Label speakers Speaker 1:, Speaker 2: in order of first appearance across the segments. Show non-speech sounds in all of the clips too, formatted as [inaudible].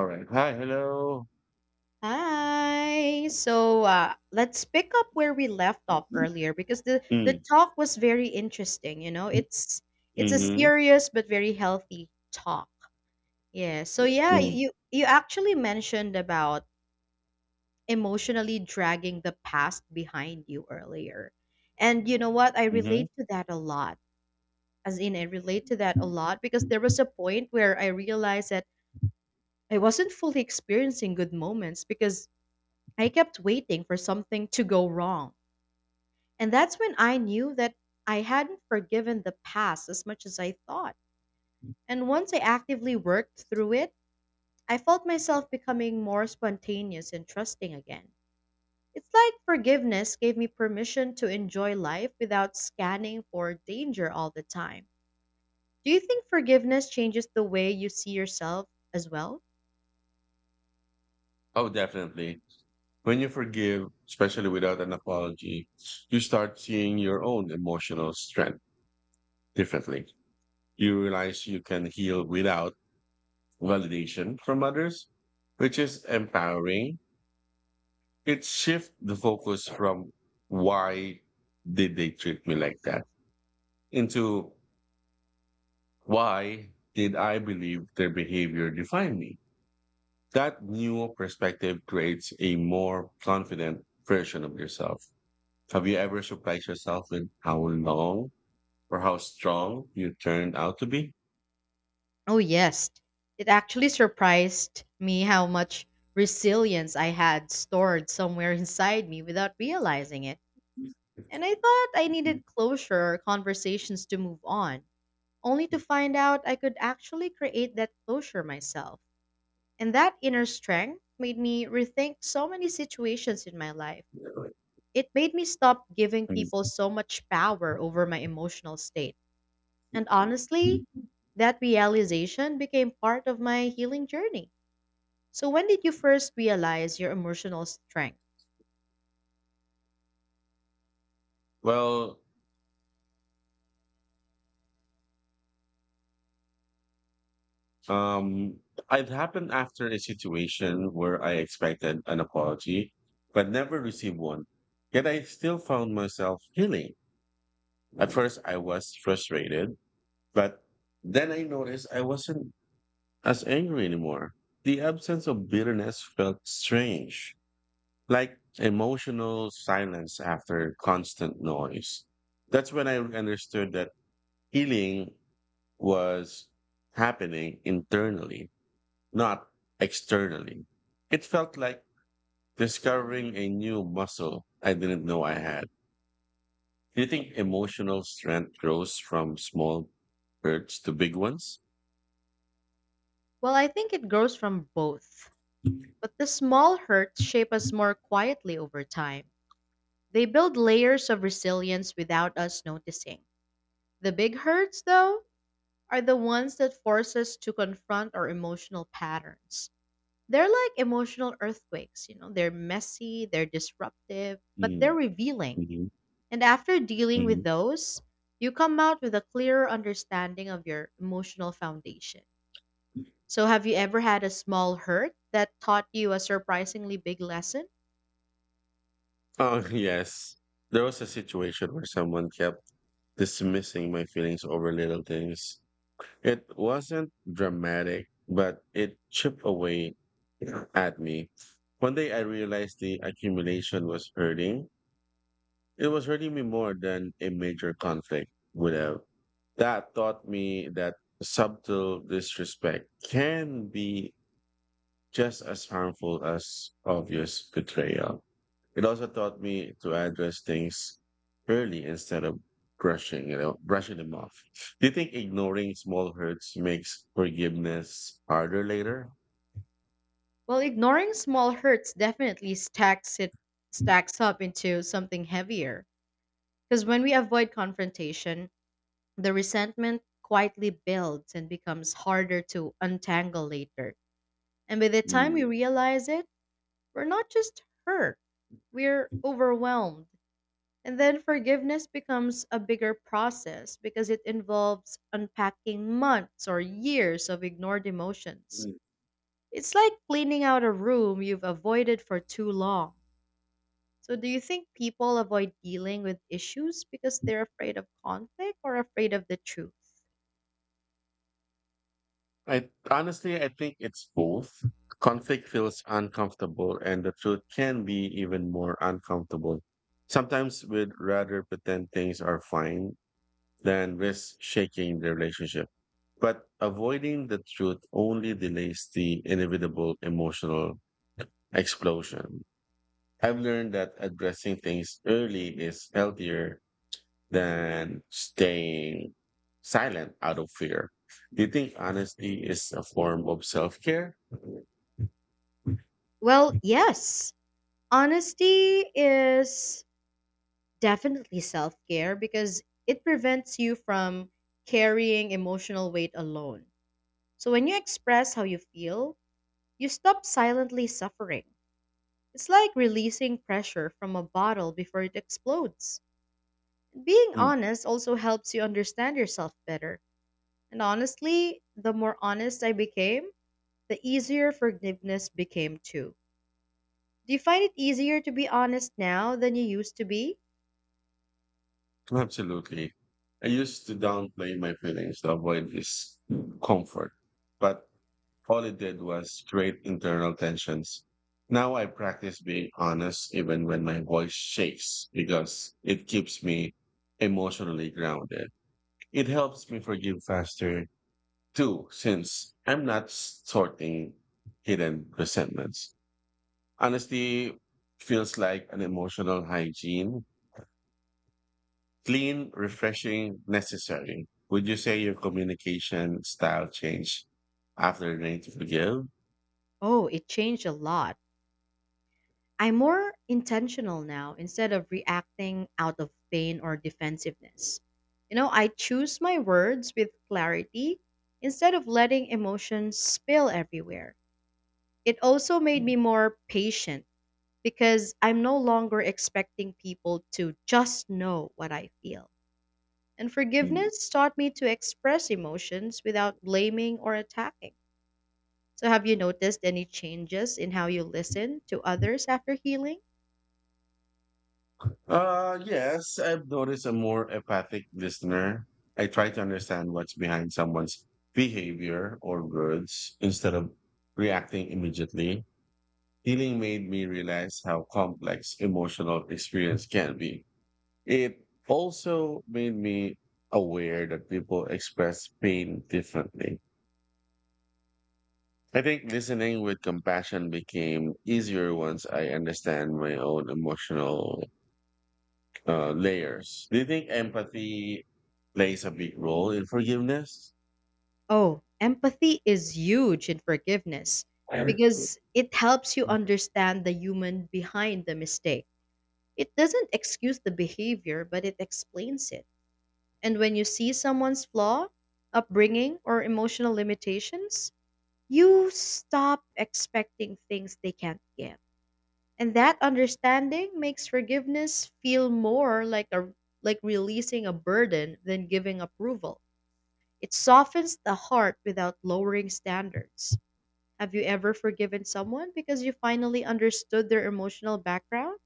Speaker 1: All right. Hi. Hello.
Speaker 2: Hi. So let's pick up where we left off earlier because the
Speaker 1: Mm.
Speaker 2: talk was very interesting. You know, it's a
Speaker 1: Mm-hmm.
Speaker 2: serious but very healthy talk. Yeah. So yeah,
Speaker 1: Mm.
Speaker 2: you actually mentioned about emotionally dragging the past behind you earlier, and you know what? I
Speaker 1: Mm-hmm.
Speaker 2: relate to that a lot. As in, I relate to that a lot because there was a point where I realized that I wasn't fully experiencing good moments because I kept waiting for something to go wrong. And that's when I knew that I hadn't forgiven the past as much as I thought. And once I actively worked through it, I felt myself becoming more spontaneous and trusting again. It's like forgiveness gave me permission to enjoy life without scanning for danger all the time. Do you think forgiveness changes the way you see yourself as well?
Speaker 1: Oh, definitely. When you forgive, especially without an apology, you start seeing your own emotional strength differently. You realize you can heal without validation from others, which is empowering. It shifts the focus from why did they treat me like that into why did I believe their behavior defined me? That new perspective creates a more confident version of yourself. Have you ever surprised yourself with how long or how strong you turned out to be?
Speaker 2: Oh, yes. It actually surprised me how much resilience I had stored somewhere inside me without realizing it. And I thought I needed closure or conversations to move on, only to find out I could actually create that closure myself. And that inner strength made me rethink so many situations in my life. It made me stop giving people so much power over my emotional state. And honestly, that realization became part of my healing journey. So, when did you first realize your emotional strength?
Speaker 1: Well, um, it happened after a situation where I expected an apology, but never received one. Yet I still found myself healing. At first, I was frustrated, but then I noticed I wasn't as angry anymore. The absence of bitterness felt strange, like emotional silence after constant noise. That's when I understood that healing was happening internally, not externally. It felt like discovering a new muscle I didn't know I had. Do you think emotional strength grows from small hurts to big ones?
Speaker 2: Well, I think it grows from both. But the small hurts shape us more quietly over time. They build layers of resilience without us noticing. The big hurts, though, are the ones that force us to confront our emotional patterns. They're like emotional earthquakes, you know, they're messy, they're disruptive, but they're
Speaker 1: Mm.
Speaker 2: revealing.
Speaker 1: Mhm.
Speaker 2: And after dealing
Speaker 1: Mhm.
Speaker 2: with those, you come out with a clearer understanding of your emotional foundation. So, have you ever had a small hurt that taught you a surprisingly big lesson?
Speaker 1: Oh, [laughs] yes. There was a situation where someone kept dismissing my feelings over little things. It wasn't dramatic, but it chipped away [clears throat] at me. One day I realized the accumulation was hurting. It was hurting me more than a major conflict would have. That taught me that subtle disrespect can be just as harmful as obvious betrayal. It also taught me to address things early instead of brushing them off. Do you think ignoring small hurts makes forgiveness harder later?
Speaker 2: Well, ignoring small hurts definitely stacks up into something heavier. Because when we avoid confrontation, the resentment quietly builds and becomes harder to untangle later. And by the time we
Speaker 1: Mm.
Speaker 2: realize it, we're not just hurt, we're overwhelmed. And then forgiveness becomes a bigger process because it involves unpacking months or years of ignored emotions.
Speaker 1: Mm.
Speaker 2: It's like cleaning out a room you've avoided for too long. So, do you think people avoid dealing with issues because they're afraid of conflict or afraid of the truth?
Speaker 1: I think it's both. Conflict feels uncomfortable, and the truth can be even more uncomfortable. Sometimes we'd rather pretend things are fine than risk shaking the relationship. But avoiding the truth only delays the inevitable emotional explosion. I've learned that addressing things early is healthier than staying silent out of fear. Do you think honesty is a form of self care?
Speaker 2: Well, yes. Honesty is definitely self care because it prevents you from carrying emotional weight alone. So, when you express how you feel, you stop silently suffering. It's like releasing pressure from a bottle before it explodes. Being honest also helps you understand yourself better. And honestly, the more honest I became, the easier forgiveness became too. Do you find it easier to be honest now than you used to be?
Speaker 1: Absolutely. I used to downplay my feelings to avoid discomfort, but all it did was create internal tensions. Now I practice being honest even when my voice shakes because it keeps me emotionally grounded. It helps me forgive faster too, since I'm not sorting hidden resentments. Honesty feels like an emotional hygiene. Clean, refreshing, necessary. Would you say your communication style changed after learning to forgive?
Speaker 2: Oh, it changed a lot. I'm more intentional now instead of reacting out of pain or defensiveness. You know, I choose my words with clarity instead of letting emotions spill everywhere. It also made
Speaker 1: Mm.
Speaker 2: me more patient because I'm no longer expecting people to just know what I feel. And
Speaker 1: Mm.
Speaker 2: forgiveness taught me to express emotions without blaming or attacking. So, have you noticed any changes in how you listen to others after healing?
Speaker 1: Yes, I've noticed a more empathic listener. I try to understand what's behind someone's behavior or words instead of reacting immediately. Healing made me realize how complex emotional experience can be. It also made me aware that people express pain differently. I think listening with compassion became easier once I understand my own emotional layers. Do you think empathy plays a big role in forgiveness?
Speaker 2: Oh, empathy is huge in forgiveness
Speaker 1: I-
Speaker 2: because it helps you understand the human behind the mistake. It doesn't excuse the behavior, but it explains it. And when you see someone's flaw, upbringing, or emotional limitations, you stop expecting things they can't get. And that understanding makes forgiveness feel more like a like releasing a burden than giving approval. It softens the heart without lowering standards. Have you ever forgiven someone because you finally understood their emotional background?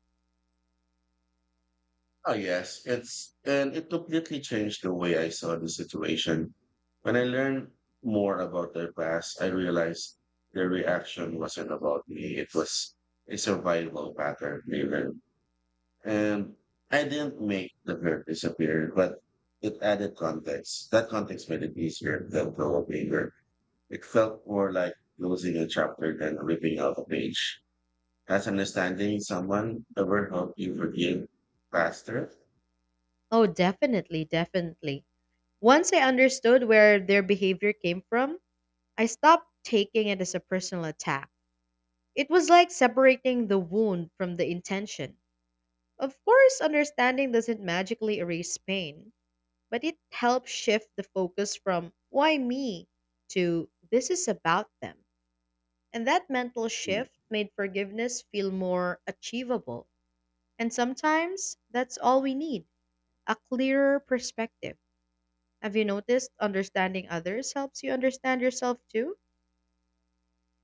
Speaker 1: Oh, yes. And it completely changed the way I saw the situation. When I learned more about their past, I realized their reaction wasn't about me. It was a survival pattern they learned. And I didn't make the hurt disappear, but it added context. That context made it easier than the anger. It felt more like closing a chapter than ripping out a page. Has understanding someone ever helped you forgive faster?
Speaker 2: Oh, definitely, definitely. Once I understood where their behavior came from, I stopped taking it as a personal attack. It was like separating the wound from the intention. Of course, understanding doesn't magically erase pain, but it helps shift the focus from "why me" to "this is about them." And that mental
Speaker 1: Hmm.
Speaker 2: shift made forgiveness feel more achievable. And sometimes that's all we need, a clearer perspective. Have you noticed understanding others helps you understand yourself too?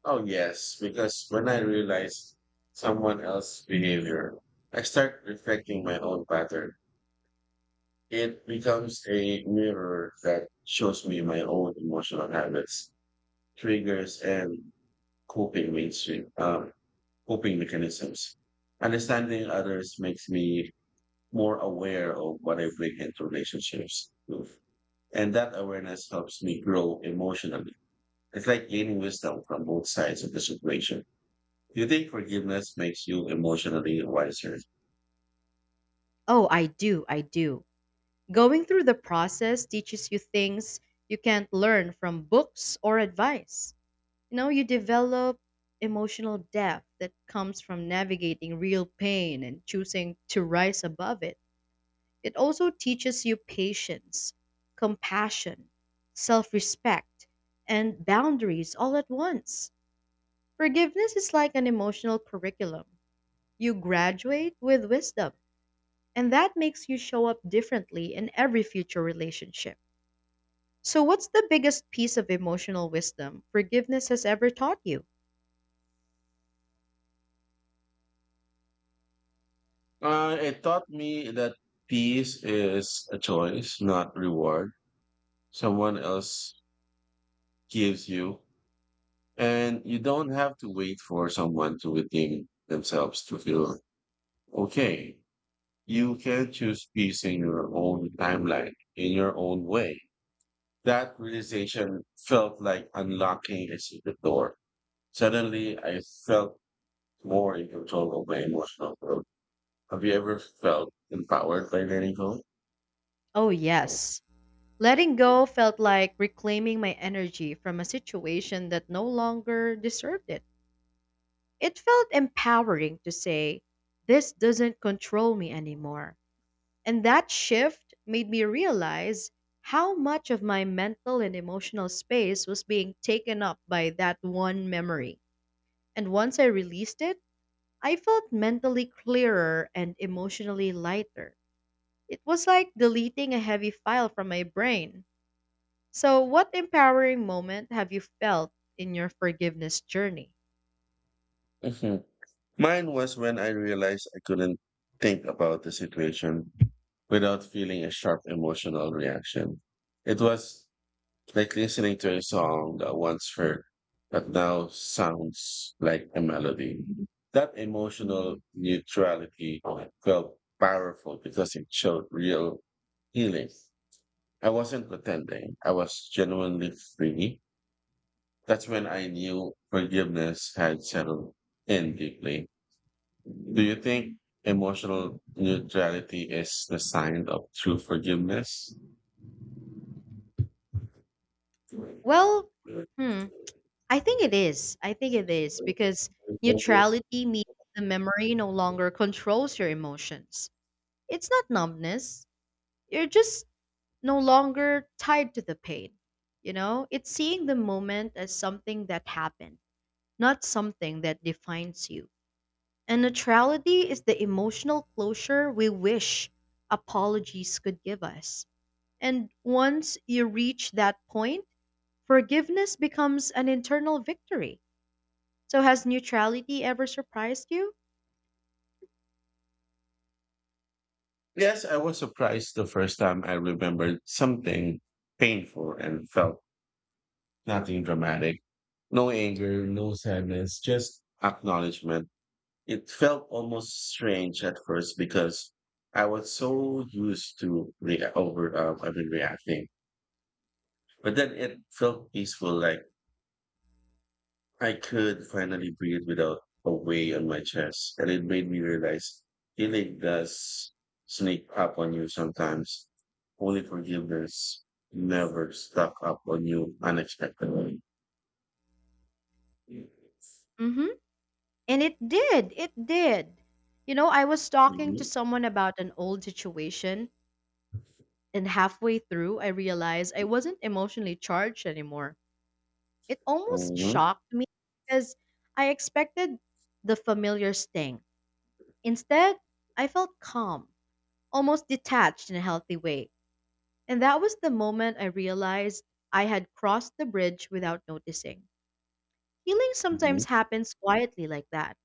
Speaker 1: Oh, yes, because when I realize someone else's behavior, I start reflecting my own pattern. It becomes a mirror that shows me my own emotional habits, triggers, and coping mainstream, um, coping mechanisms. Understanding others makes me more aware of what I bring into relationships with. And that awareness helps me grow emotionally. It's like gaining wisdom from both sides of the situation. Do you think forgiveness makes you emotionally wiser?
Speaker 2: Oh, I do, I do. Going through the process teaches you things you can't learn from books or advice. You know, you develop emotional depth that comes from navigating real pain and choosing to rise above it. It also teaches you patience, compassion, self respect, and boundaries all at once. Forgiveness is like an emotional curriculum. You graduate with wisdom, and that makes you show up differently in every future relationship. So, what's the biggest piece of emotional wisdom forgiveness has ever taught you?
Speaker 1: It taught me that peace is a choice, not reward. Someone else gives you, and you don't have to wait for someone to redeem themselves to feel okay. You can choose peace in your own timeline, in your own way. That realization felt like unlocking a secret door. Suddenly, I felt more in control of my emotional growth. Have you ever felt empowered by letting go?
Speaker 2: Oh, yes. Letting go felt like reclaiming my energy from a situation that no longer deserved it. It felt empowering to say, "this doesn't control me anymore." And that shift made me realize how much of my mental and emotional space was being taken up by that one memory. And once I released it, I felt mentally clearer and emotionally lighter. It was like deleting a heavy file from my brain. So, what empowering moment have you felt in your forgiveness journey?
Speaker 1: Mhm. Mine was when I realized I couldn't think about the situation without feeling a sharp emotional reaction. It was like listening to a song that once hurt, but now sounds like a melody. That emotional neutrality felt powerful because it showed real healing. I wasn't pretending. I was genuinely free. That's when I knew forgiveness had settled in deeply. Do you think emotional neutrality is the sign of true forgiveness?
Speaker 2: Well, hmm. I think it is. I think it is because neutrality means the memory no longer controls your emotions. It's not numbness. You're just no longer tied to the pain. You know, it's seeing the moment as something that happened, not something that defines you. And neutrality is the emotional closure we wish apologies could give us. And once you reach that point, forgiveness becomes an internal victory. So has neutrality ever surprised you?
Speaker 1: Yes, I was surprised the first time I remembered something painful and felt nothing dramatic. No anger, no sadness, just acknowledgement. It felt almost strange at first because I was so used to re- over I've reacting, but then it felt peaceful, like I could finally breathe without a weight on my chest, and it made me realize healing does sneak up on you sometimes. Only forgiveness never stuck up on you unexpectedly. Mm-hmm.
Speaker 2: Mhm. And it did. It did. You know, I was talking to someone about an old situation and halfway through I realized I wasn't emotionally charged anymore. It almost
Speaker 1: Mm-hmm.
Speaker 2: shocked me because I expected the familiar sting. Instead, I felt calm, almost detached in a healthy way. And that was the moment I realized I had crossed the bridge without noticing. Healing sometimes happens quietly like that.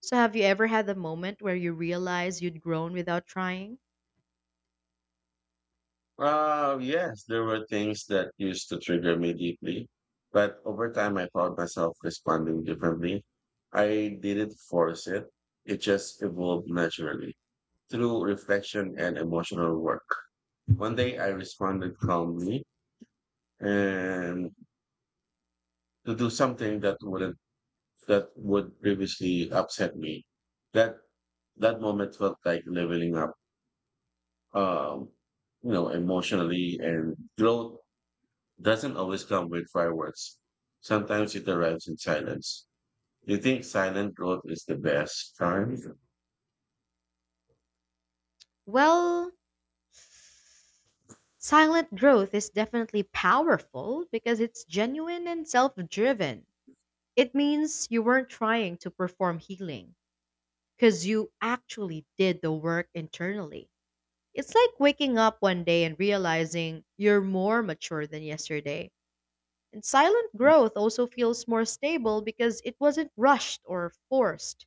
Speaker 2: So, have you ever had a moment where you realize you'd grown without trying?
Speaker 1: Yes, there were things that used to trigger me deeply, but over time I found myself responding differently. I didn't force it just evolved naturally through reflection and emotional work. One day I responded calmly and to do something that wouldn't that would previously upset me. That that moment felt like leveling up. Um, emotionally and growth doesn't always come with fireworks. Sometimes it arrives in silence. You think silent growth is the best time?
Speaker 2: Well, silent growth is definitely powerful because it's genuine and self driven. It means you weren't trying to perform healing because you actually did the work internally. It's like waking up one day and realizing you're more mature than yesterday. And silent growth also feels more stable because it wasn't rushed or forced.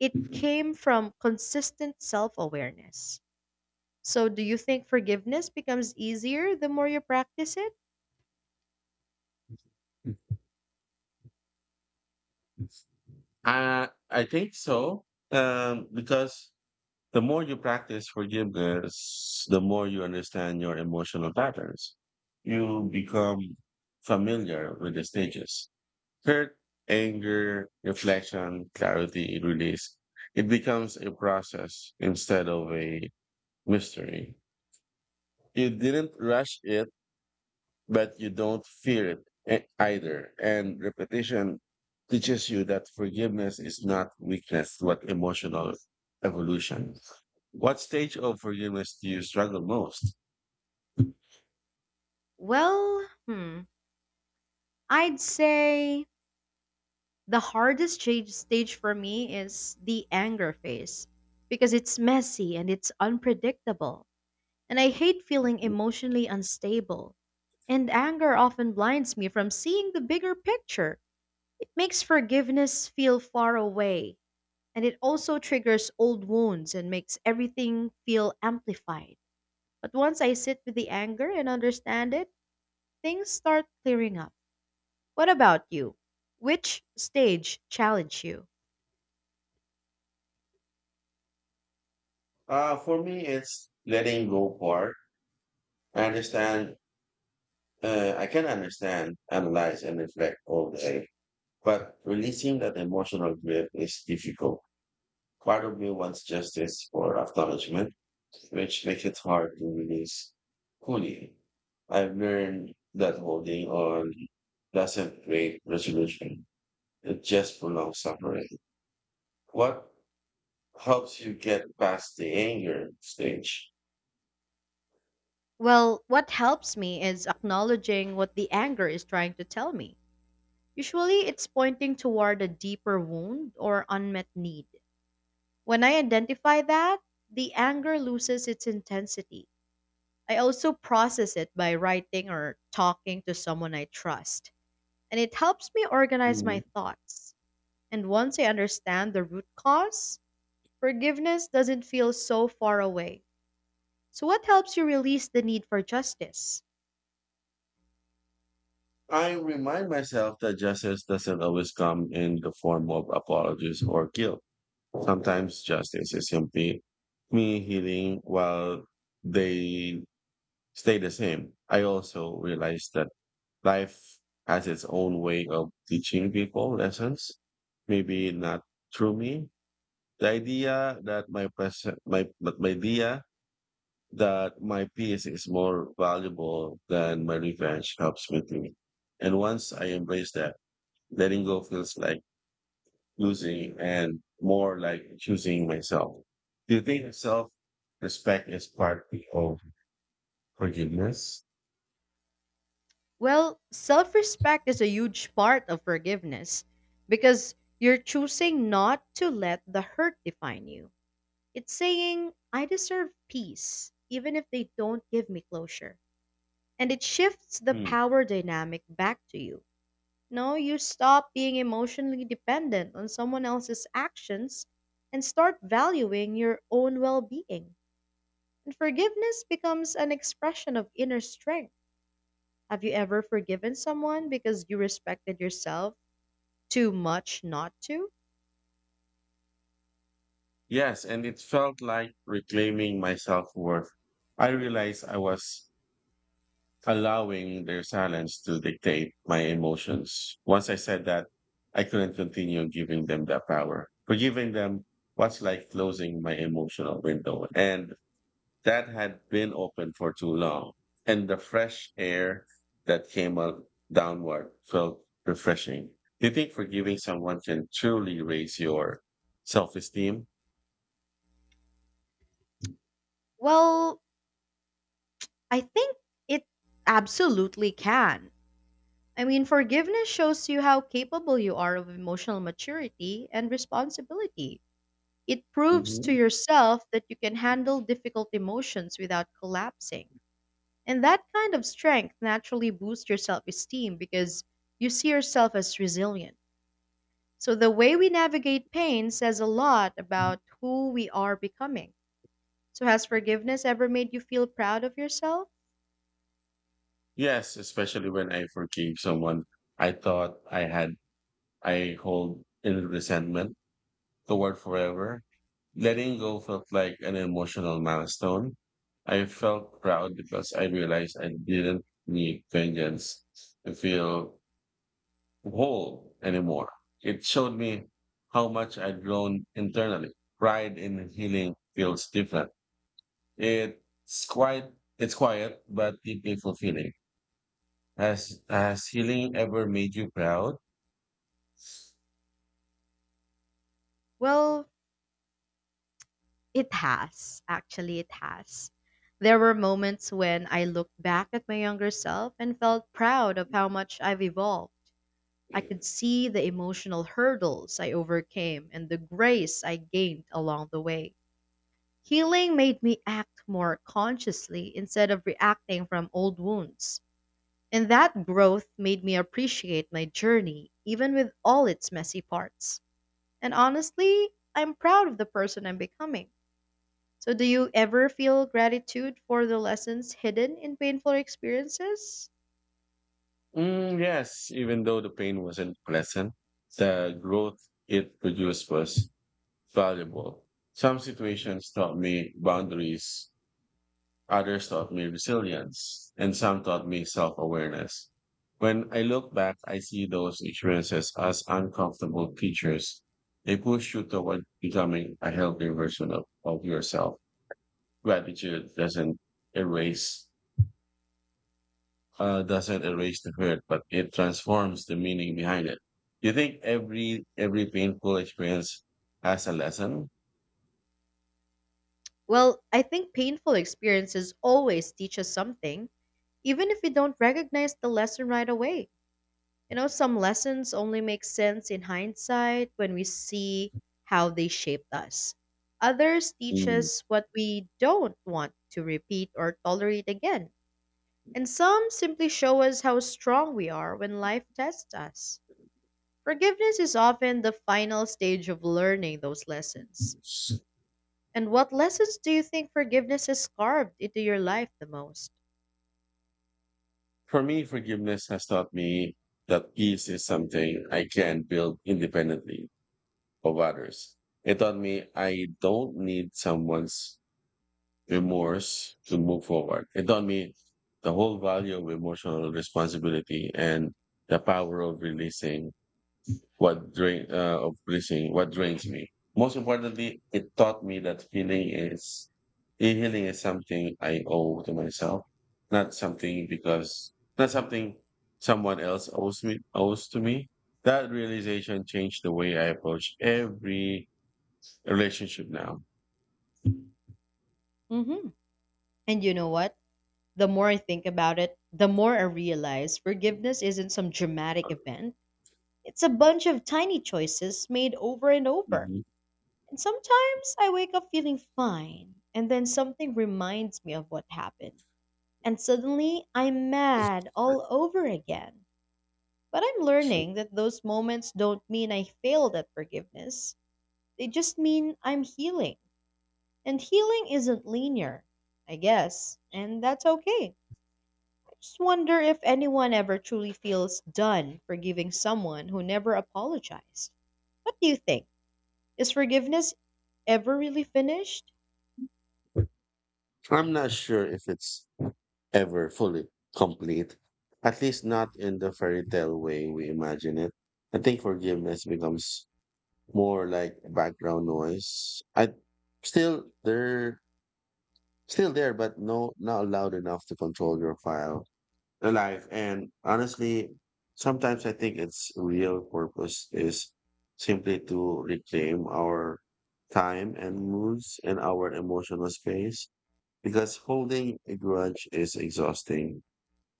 Speaker 2: It
Speaker 1: [laughs]
Speaker 2: came from consistent self awareness. So, do you think forgiveness becomes easier the more you practice it?
Speaker 1: I think so. Because the more you practice forgiveness, the more you understand your emotional patterns. You become familiar with the stages: hurt, anger, reflection, clarity, release. It becomes a process instead of a mystery. You didn't rush it but you don't fear it either. And repetition teaches you that forgiveness is not weakness, but emotional evolution. What stage of forgiveness do you struggle most?
Speaker 2: Well, hmm, I'd say the stage for me is the anger phase because it's messy and it's unpredictable. And I hate feeling emotionally unstable. And anger often blinds me from seeing the bigger picture. It makes forgiveness feel far away, and it also triggers old wounds and makes everything feel amplified. But once I sit with the anger and understand it, things start clearing up. What about you? Which stage challenged you?
Speaker 1: For me, it's letting go part. I understand, I can understand, analyze, and reflect all day, but releasing that emotional grip is difficult. Part of me wants justice or acknowledgement, which makes it hard to release fully. I've learned that holding on doesn't create resolution. It just prolongs suffering. What helps you get past the anger stage?
Speaker 2: Well, what helps me is acknowledging what the anger is trying to tell me. Usually, it's pointing toward a deeper wound or unmet need. When I identify that, the anger loses its intensity. I also process it by writing or talking to someone I trust, and it helps me organize my
Speaker 1: Mhm.
Speaker 2: thoughts. And once I understand the root cause, forgiveness doesn't feel so far away. So, what helps you release the need for justice?
Speaker 1: I remind myself that justice doesn't always come in the form of apologies or guilt. Sometimes justice is simply me healing while they stay the same. I also realized that life has its own way of teaching people lessons, maybe not through me. The idea that my present, my, but my idea that my peace is more valuable than my revenge helps me think. And once I embrace that, letting go feels like losing and more like choosing myself. Do you think self respect is part of forgiveness?
Speaker 2: Well, self respect is a huge part of forgiveness because you're choosing not to let the hurt define you. It's saying, "I deserve peace, even if they don't give me closure." And it shifts the power dynamic back to you. No, you stop being emotionally dependent on someone else's actions and start valuing your own well being. And forgiveness becomes an expression of inner strength. Have you ever forgiven someone because you respected yourself too much not to?
Speaker 1: Yes, and it felt like reclaiming my self-worth. I realized I was allowing their silence to dictate my emotions. Once I said that, I couldn't continue giving them that power. Forgiving them was like closing my emotional window, and that had been open for too long. And the fresh air that came out downward felt refreshing. Do you think forgiving someone can truly raise your self-esteem?
Speaker 2: Well, I think it absolutely can. I mean, forgiveness shows you how capable you are of emotional maturity and responsibility. It proves to
Speaker 1: Mhm.
Speaker 2: yourself that you can handle difficult emotions without collapsing. And that kind of strength naturally boosts your self esteem because you see yourself as resilient. So, the way we navigate pain says a lot about who we are becoming. So, has forgiveness ever made you feel proud of yourself?
Speaker 1: Yes, especially when I forgave someone I thought I hold in resentment toward forever. Letting go felt like an emotional milestone. I felt proud because I realized I didn't need vengeance to feel whole anymore. It showed me how much I'd grown internally. Pride in healing feels different. It's quite it's quiet but deeply fulfilling. Has healing ever made you proud?
Speaker 2: Well, it has. Actually, it has. There were moments when I looked back at my younger self and felt proud of how much I've evolved. I could see the emotional hurdles I overcame and the grace I gained along the way. Healing made me act more consciously instead of reacting from old wounds. And that growth made me appreciate my journey, even with all its messy parts. And honestly, I'm proud of the person I'm becoming. So, do you ever feel gratitude for the lessons hidden in painful experiences?
Speaker 1: Mm, yes, even though the pain wasn't pleasant, the growth it produced was valuable. Some situations taught me boundaries, others taught me resilience, and some taught me self awareness. When I look back, I see those experiences as uncomfortable teachers. They push you toward becoming a healthier version of yourself. Gratitude doesn't erase uh, doesn't erase the hurt, but it transforms the meaning behind it. Do you think every painful experience has a lesson?
Speaker 2: Well, I think painful experiences always teach us something, even if we don't recognize the lesson right away. You know, some lessons only make sense in hindsight when we see how they shaped us. Others teach
Speaker 1: Mm.
Speaker 2: us what we don't want to repeat or tolerate again. And some simply show us how strong we are when life tests us. Forgiveness is often the final stage of learning those lessons.
Speaker 1: S-
Speaker 2: And what lessons do you think forgiveness has carved into your life the most?
Speaker 1: For me, forgiveness has taught me that peace is something I can build independently of others. It taught me I don't need someone's remorse to move forward. It taught me the whole value of emotional responsibility and the power of releasing what drains me. Most importantly, it taught me that healing is something I owe to myself, not something because not something someone else owes to me. That realization changed the way I approach every relationship now.
Speaker 2: Hmm. And you know what? The more I think about it, the more I realize forgiveness isn't some dramatic event. It's a bunch of tiny choices made over and over.
Speaker 1: Mhm.
Speaker 2: And sometimes I wake up feeling fine, and then something reminds me of what happened. And suddenly I'm mad all over again. But I'm learning that those moments don't mean I failed at forgiveness, they just mean I'm healing. And healing isn't linear, I guess, and that's okay. Just wonder if anyone ever truly feels done forgiving someone who never apologized. What do you think? Is forgiveness ever really finished?
Speaker 1: I'm not sure if it's ever fully complete, at least not in the fairy tale way we imagine it. I think forgiveness becomes more like background noise. I still there, still there, but no, not loud enough to control your file alive. And honestly, sometimes I think its real purpose is simply to reclaim our time and moods and our emotional space because holding a grudge is exhausting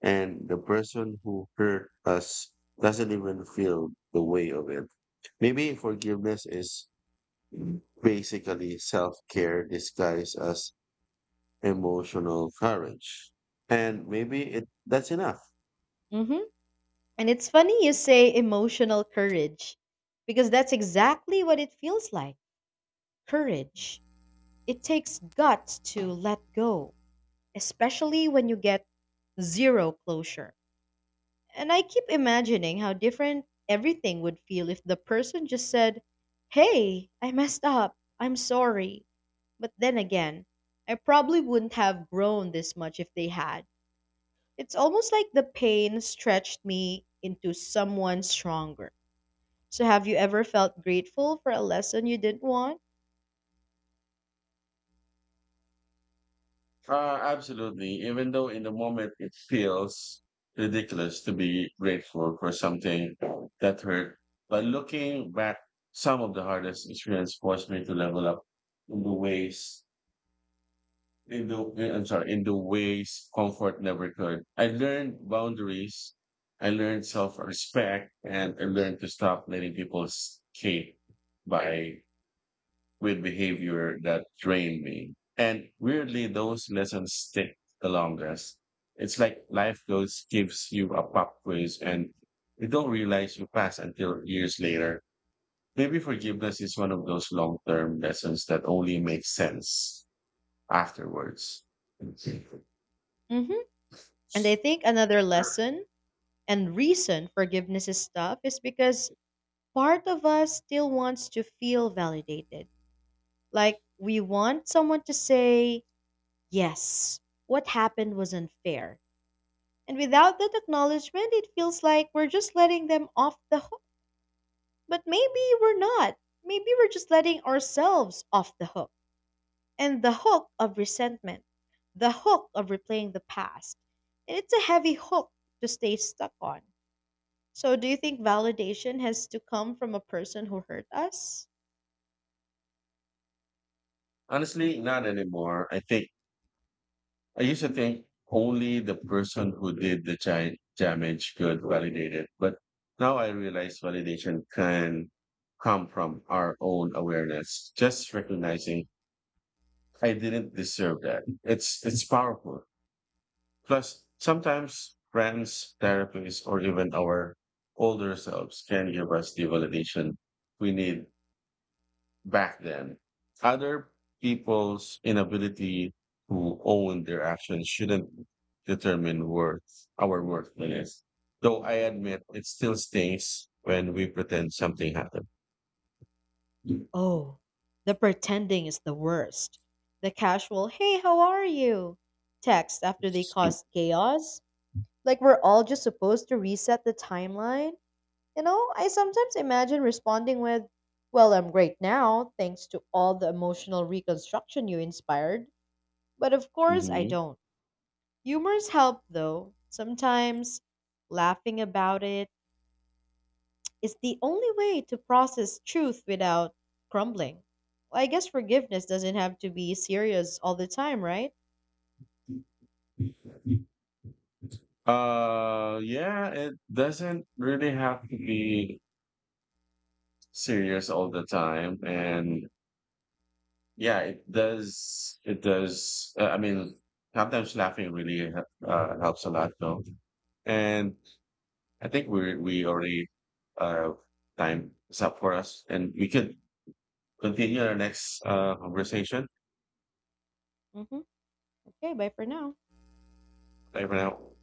Speaker 1: and the person who hurt us doesn't even feel the weight of it. Maybe forgiveness is basically self care disguised as emotional courage. And maybe it that's enough.
Speaker 2: Hmm. And it's funny you say emotional courage because that's exactly what it feels like, courage. It takes guts to let go, especially when you get zero closure. And I keep imagining how different everything would feel if the person just said, "Hey, I messed up. I'm sorry." But then again, I probably wouldn't have grown this much if they had. It's almost like the pain stretched me into someone stronger. So, have you ever felt grateful for a lesson you didn't want?
Speaker 1: Absolutely. Even though in the moment it feels ridiculous to be grateful for something that hurt, but looking back, some of the hardest experience forced me to level up in the ways In the eh, I'm sorry, in the ways comfort never could. I learned boundaries, I learned self-respect, and I learned to stop letting people escape by with behavior that drained me. And weirdly, those lessons stick the longest. It's like life goes gives you a pop quiz and you don't realize you pass until years later. Maybe forgiveness is one of those long-term lessons that only makes sense afterwards.
Speaker 2: Hmm. And I think another lesson and reason forgiveness is tough is because part of us still wants to feel validated. Like, we want someone to say, "Yes, what happened was unfair." And without that acknowledgement, it feels like we're just letting them off the hook. But maybe we're not. Maybe we're just letting ourselves off the hook. And the hook of resentment, the hook of replaying the past. And it's a heavy hook to stay stuck on. So, do you think validation has to come from a person who hurt us?
Speaker 1: Honestly, not anymore. I think I used to think only the person who did the damage could validate it, but now I realize validation can come from our own awareness. Just recognizing I didn't deserve that. It's powerful. Plus, sometimes friends, therapists, or even our older selves can give us the validation we need back then. Other people's inability to own their actions shouldn't determine our worthiness. Though I admit it still stings when we pretend something happened.
Speaker 2: Oh, the pretending is the worst. The casual, "hey, how are you?" text after they caused chaos. Like we're all just supposed to reset the timeline. You know, I sometimes imagine responding with, "Well, I'm great now, thanks to all the emotional reconstruction you inspired." But of course, I
Speaker 1: Mhm.
Speaker 2: don't. Humors help, though. Sometimes laughing about it is the only way to process truth without crumbling. Well, I guess forgiveness doesn't have to be serious all the time, right?
Speaker 1: Yeah, it doesn't really have to be serious all the time, and yeah, it does. It does. I mean, sometimes laughing really helps a lot, though. And I think we already uh time is up for us, and we could continue our next conversation.
Speaker 2: Hmm. Okay, bye for now.
Speaker 1: Bye for now.